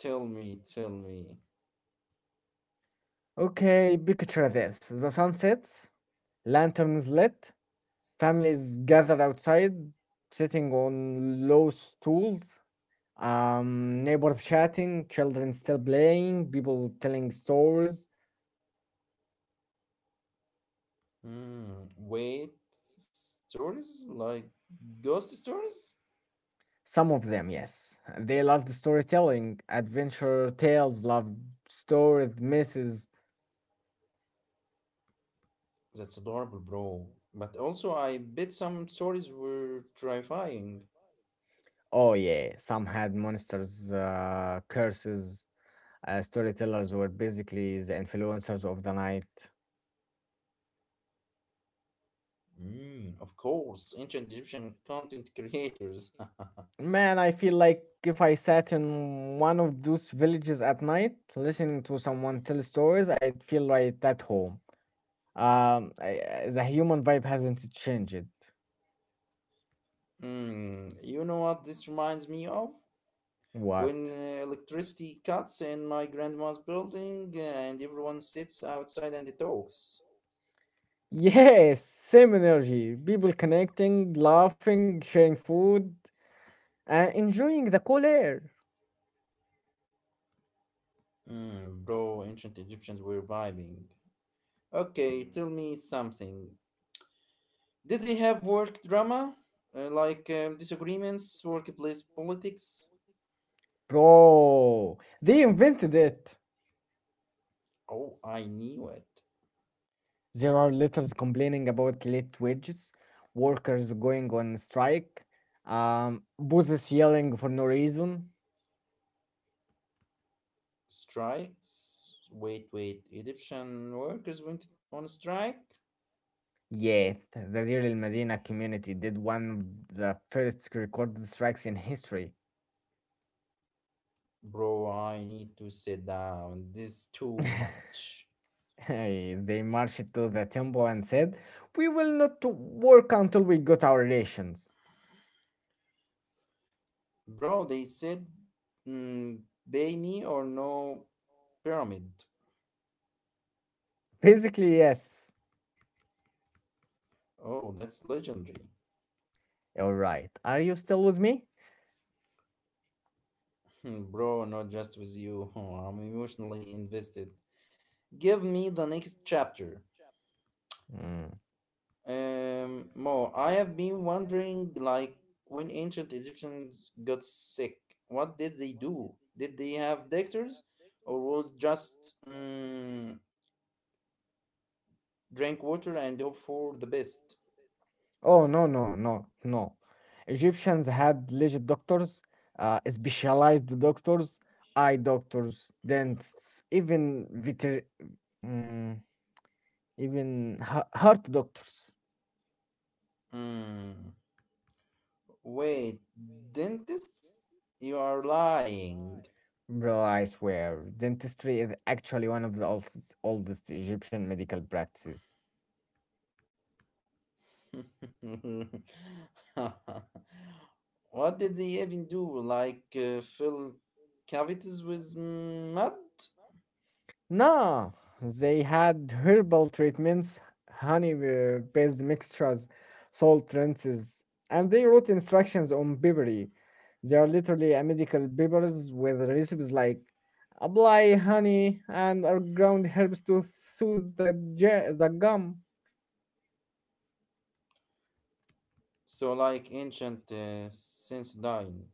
Speaker 2: Tell me, tell me.
Speaker 1: Okay, picture this. The sun sets, lanterns lit, families gathered outside, sitting on low stools, um, neighbors chatting, children still playing, people telling stories.
Speaker 2: Hmm. Wait, stories like ghost stories?
Speaker 1: Some of them, yes. They loved storytelling, adventure tales, loved stories, misses.
Speaker 2: That's adorable, bro. But also, I bet some stories were terrifying.
Speaker 1: Oh, yeah. Some had monsters, uh, curses. Uh, storytellers were basically the influencers of the night.
Speaker 2: Mm, of course, ancient Egyptian content creators.
Speaker 1: Man, I feel like if I sat in one of those villages at night, listening to someone tell stories, I'd feel right at home. Um, I, I- the human vibe hasn't changed.
Speaker 2: Mm, you know what this reminds me of?
Speaker 1: What?
Speaker 2: When uh, electricity cuts in my grandma's building uh, and everyone sits outside and talks.
Speaker 1: Yes, same energy. People connecting, laughing, sharing food, and enjoying the cool air.
Speaker 2: Mm, bro, ancient Egyptians were vibing. Okay, tell me something. Did they have work drama? Uh, like um, disagreements, workplace politics?
Speaker 1: Bro, they invented it.
Speaker 2: Oh, I knew it.
Speaker 1: There are letters complaining about late wages, workers going on strike, um, bosses yelling for no reason.
Speaker 2: Strikes. Wait, wait. Egyptian workers went on strike?
Speaker 1: Yes, the Deir el Medina community did one of the first recorded strikes in history.
Speaker 2: Bro, I need to sit down. This is too much.
Speaker 1: Hey, they marched to the temple and said, we will not to work until we got our rations.
Speaker 2: Bro, they said, mm, pay me or no pyramid.
Speaker 1: Basically, yes.
Speaker 2: Oh, that's legendary.
Speaker 1: All right. Are you still with me?
Speaker 2: Hmm, bro, not just with you. I'm emotionally invested. Give me the next chapter.
Speaker 1: Mm.
Speaker 2: Um, More, I have been wondering, like, when ancient Egyptians got sick, what did they do? Did they have doctors, or was just um, drink water and hope for the best?
Speaker 1: Oh, no, no, no, no. Egyptians had legit doctors, uh, specialized doctors, eye doctors, dentists, even veter- mm, even hea- heart doctors.
Speaker 2: Hmm. Wait, dentists? You are lying.
Speaker 1: Bro, I swear, dentistry is actually one of the oldest, oldest Egyptian medical practices.
Speaker 2: What did they even do? Like, uh, fill cavities with mud?
Speaker 1: Nah, they had herbal treatments, honey-based mixtures, salt rinses, and they wrote instructions on papery. They are literally a medical papers with recipes like apply honey and or ground herbs to soothe the, ja- the gum.
Speaker 2: So, like ancient uh, Sensodyne.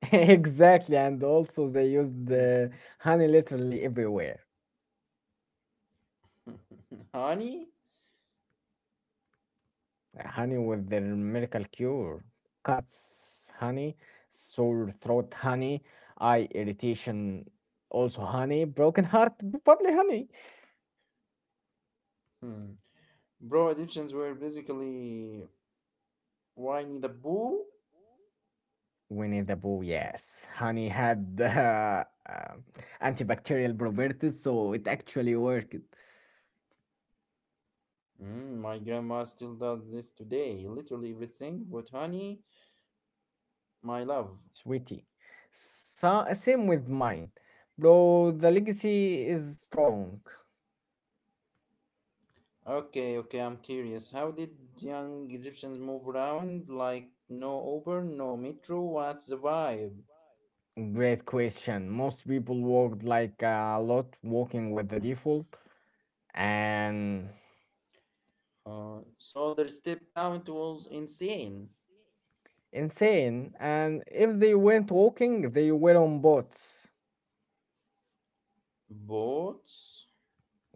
Speaker 1: Exactly, and also they used
Speaker 2: Hmm.
Speaker 1: the honey literally everywhere.
Speaker 2: Honey?
Speaker 1: Honey with the miracle cure. Cuts, honey, sore throat, honey, eye irritation, also honey, broken heart, probably honey.
Speaker 2: Hmm. Bro, Egyptians were basically whiny the boo.
Speaker 1: Winnie the Pooh, yes. Honey had uh, uh, antibacterial properties, so it actually worked.
Speaker 2: Mm, my grandma still does this today. Literally everything but honey, my love.
Speaker 1: Sweetie. So, same with mine. Bro, the legacy is strong.
Speaker 2: Okay, okay, I'm curious. How did young Egyptians move around? Like, no Uber, no metro? What's the vibe?
Speaker 1: Great question. Most people walked like a lot walking with the default and
Speaker 2: Uh, so their step count was insane.
Speaker 1: insane. And if they weren't walking, they were on boats.
Speaker 2: Boats?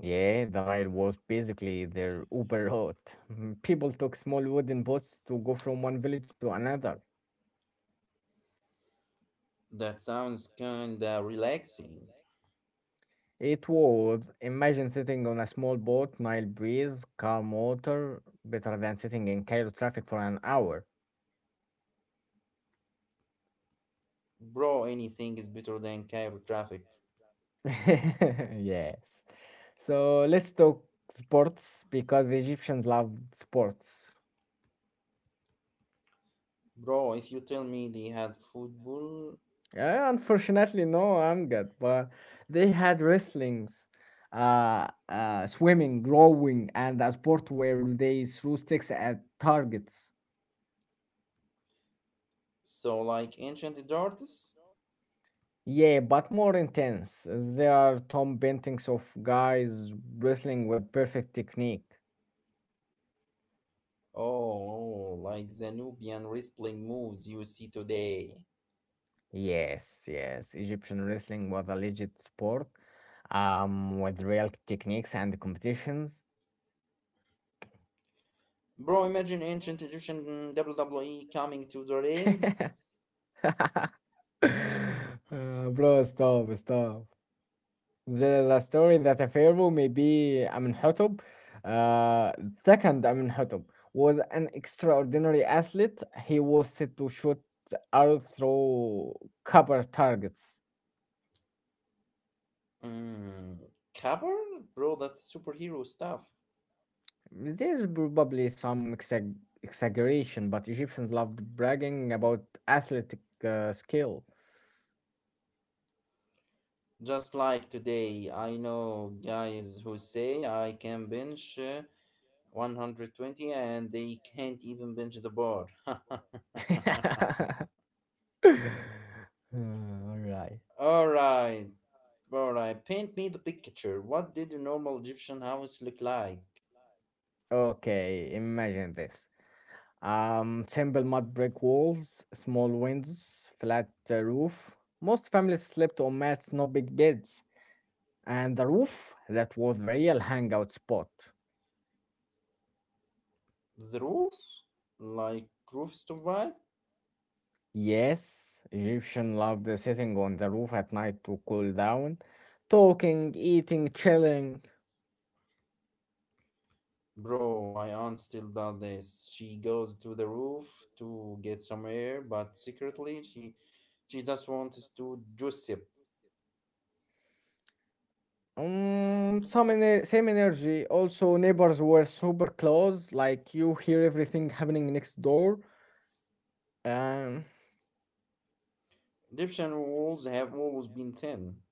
Speaker 1: Yeah, the Nile was basically their Uber route. People took small wooden boats to go from one village to another.
Speaker 2: That sounds kinda relaxing.
Speaker 1: It was imagine sitting on a small boat, Nile breeze, calm water, better than sitting in Cairo traffic for an hour.
Speaker 2: Bro, anything is better than Cairo traffic.
Speaker 1: Yes. So let's talk sports because the Egyptians loved sports.
Speaker 2: Bro, if you tell me they had football,
Speaker 1: Yeah, unfortunately, no, I'm good. But they had wrestlings, uh, uh, swimming, rowing, and a sport where they threw sticks at targets.
Speaker 2: so like ancient darts?
Speaker 1: Yeah, but more intense. There are Tom paintings of guys wrestling with perfect technique.
Speaker 2: Oh, oh, like the Nubian wrestling moves you see today.
Speaker 1: Yes, yes, Egyptian wrestling was a legit sport, um, with real techniques and competitions.
Speaker 2: Bro, imagine ancient Egyptian mm, W W E coming to the ring.
Speaker 1: Uh, bro, stop, stop. The story that a pharaoh, maybe Amenhotep, uh, second Amenhotep, was an extraordinary athlete. He was said to shoot arrow through copper targets.
Speaker 2: Mm, cover? Bro, that's superhero stuff.
Speaker 1: There's probably some exag- exaggeration, but Egyptians loved bragging about athletic uh, skill.
Speaker 2: Just like today, I know guys who say I can bench uh, one hundred twenty and they can't even bench the bar.
Speaker 1: All right.
Speaker 2: All right, all right. Paint me the picture. What did a normal Egyptian house look like?
Speaker 1: Okay, imagine this. Um, simple mud brick walls, small windows, flat uh, roof. Most families slept on mats, not big beds. And the roof, that was the real hangout spot.
Speaker 2: The roof, like roofs to vibe.
Speaker 1: Yes, Egyptian loved sitting on the roof at night to cool down, talking, eating, chilling.
Speaker 2: Bro, my aunt still does this. She goes to the roof to get some air, but secretly she she just wants to gossip.
Speaker 1: Um, some ener- same energy. Also, neighbors were super close, like you hear everything happening next door. Um,
Speaker 2: Egyptian walls have always been thin.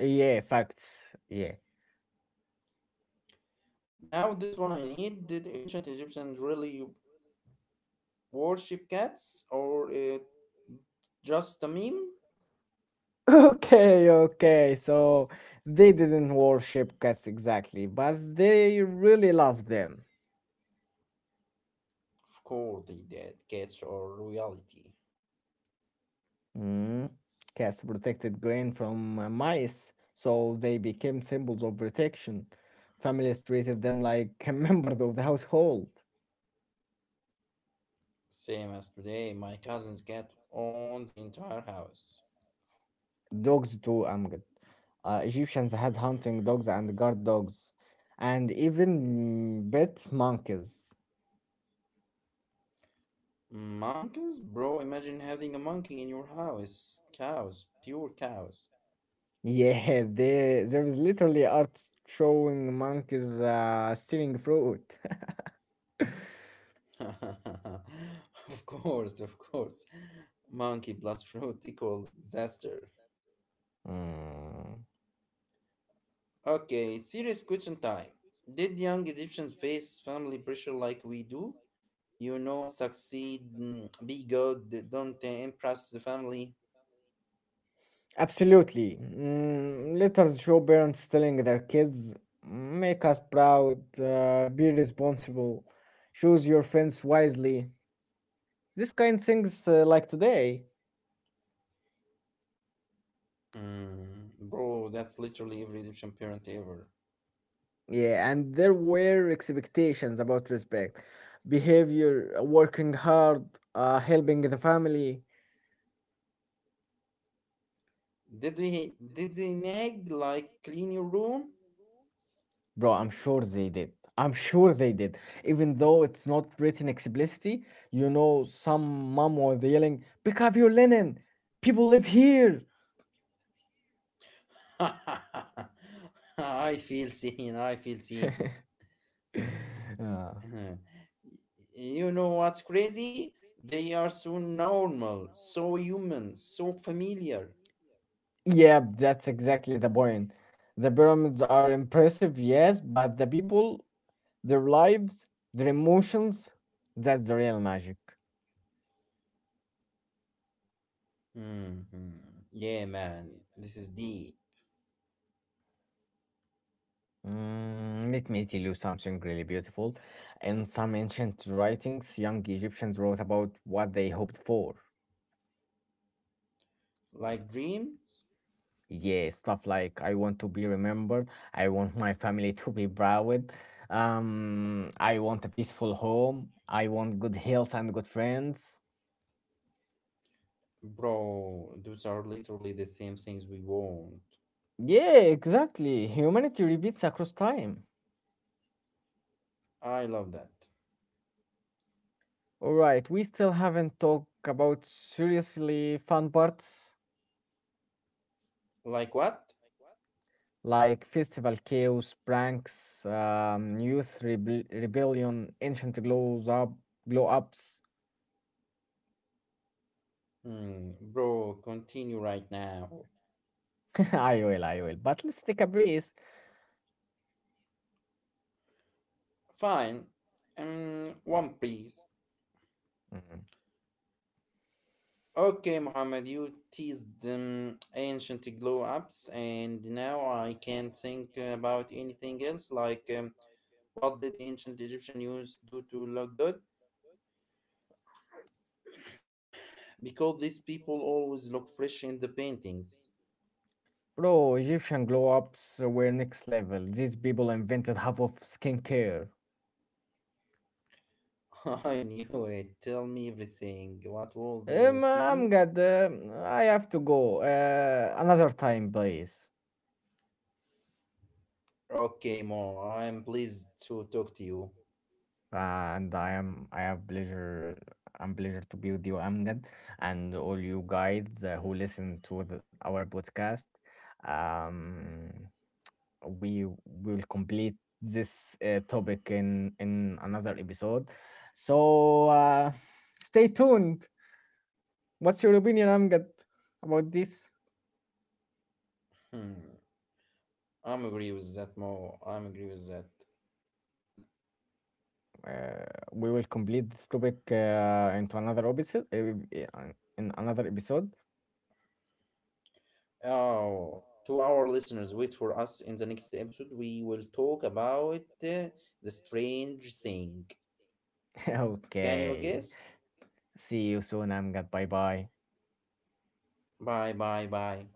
Speaker 1: yeah, facts. Yeah.
Speaker 2: Now that's what I need. Did ancient Egyptians really worship cats, or it just a meme?
Speaker 1: Okay, okay. So they didn't worship cats exactly, but they really loved them.
Speaker 2: Scolded that cats are royalty.
Speaker 1: Mm. Cats protected grain from uh, mice, so they became symbols of protection. Families treated them like members of the household.
Speaker 2: Same as today, my cousin's cat owned the entire house.
Speaker 1: Dogs too, Amgad. Uh, Egyptians had hunting dogs and guard dogs, and even mm, pet monkeys.
Speaker 2: Monkeys? Bro, imagine having a monkey in your house. Cows, pure cows.
Speaker 1: Yes, there there is literally art showing monkeys uh, stealing fruit.
Speaker 2: Of course, of course. Monkey plus fruit equals disaster.
Speaker 1: Mm,
Speaker 2: Okay, serious question time. Did young Egyptians face family pressure like we do? You know, succeed, mm, be good, don't impress the family.
Speaker 1: Absolutely. Mm, letters show parents telling their kids, make us proud, uh, be responsible, choose your friends wisely. These kind things uh, like today.
Speaker 2: Mm, bro, that's literally every Egyptian parent ever.
Speaker 1: Yeah, and there were expectations about respect, behavior, working hard, uh, helping the family.
Speaker 2: Did he did they nag like clean your room?
Speaker 1: Bro, I'm sure they did. I'm sure they did. Even though it's not written explicitly, you know, some mom was yelling, pick up your linen! People live here!
Speaker 2: I feel seen, I feel seen.
Speaker 1: Uh,
Speaker 2: You know what's crazy? They are so normal, so human, so familiar.
Speaker 1: yeah, that's exactly the point. The pyramids are impressive, yes, but the people, their lives, their emotions, that's the real magic.
Speaker 2: Mhm. Yeah, man, this is D.
Speaker 1: Mm, let me tell you something really beautiful. In some ancient writings, young Egyptians wrote about what they hoped for.
Speaker 2: Like dreams?
Speaker 1: Yeah, stuff like I want to be remembered, I want my family to be proud, um, I want a peaceful home, I want good health and good friends.
Speaker 2: Bro, those are literally the same things we want.
Speaker 1: Yeah, exactly. Humanity repeats across time.
Speaker 2: I love that.
Speaker 1: All right, we still haven't talked about seriously fun parts.
Speaker 2: Like what?
Speaker 1: Like Festival Chaos, Pranks, um, Youth rebe- Rebellion, Ancient Glows Up, Glow Ups.
Speaker 2: Mm, bro, continue right now.
Speaker 1: I will, I will. But let's take a breeze.
Speaker 2: Fine. Um, one please.
Speaker 1: Mhm.
Speaker 2: Okay, Muhammad, you teased um, ancient glow ups, and now I can't think about anything else. Like, um, what did ancient Egyptian use do to look good? Because these people always look fresh in the paintings.
Speaker 1: Bro, Egyptian glow ups were next level. These people invented half of skincare.
Speaker 2: I knew it. Tell me everything. What was the
Speaker 1: Um, I'm
Speaker 2: routine?
Speaker 1: good. um, I have to go. Uh, another time, please.
Speaker 2: Okay, Mo, I'm pleased to talk to you.
Speaker 1: And I am I have pleasure I'm pleasure to be with you Amgad and all you guys uh, who listen to the, our podcast um we will complete this uh, topic in in another episode so uh, stay tuned. What's your opinion Amgad about this?
Speaker 2: Hmm. I'm agree with that, Mo. I'm agree with that.
Speaker 1: uh, we will complete this topic uh, into another episode uh, in another episode.
Speaker 2: Oh, to our listeners, wait for us in the next episode. We will talk about uh, the strange thing. Can you
Speaker 1: Okay.
Speaker 2: guess?
Speaker 1: See you soon, Amgad. Bye bye.
Speaker 2: Bye, bye, bye.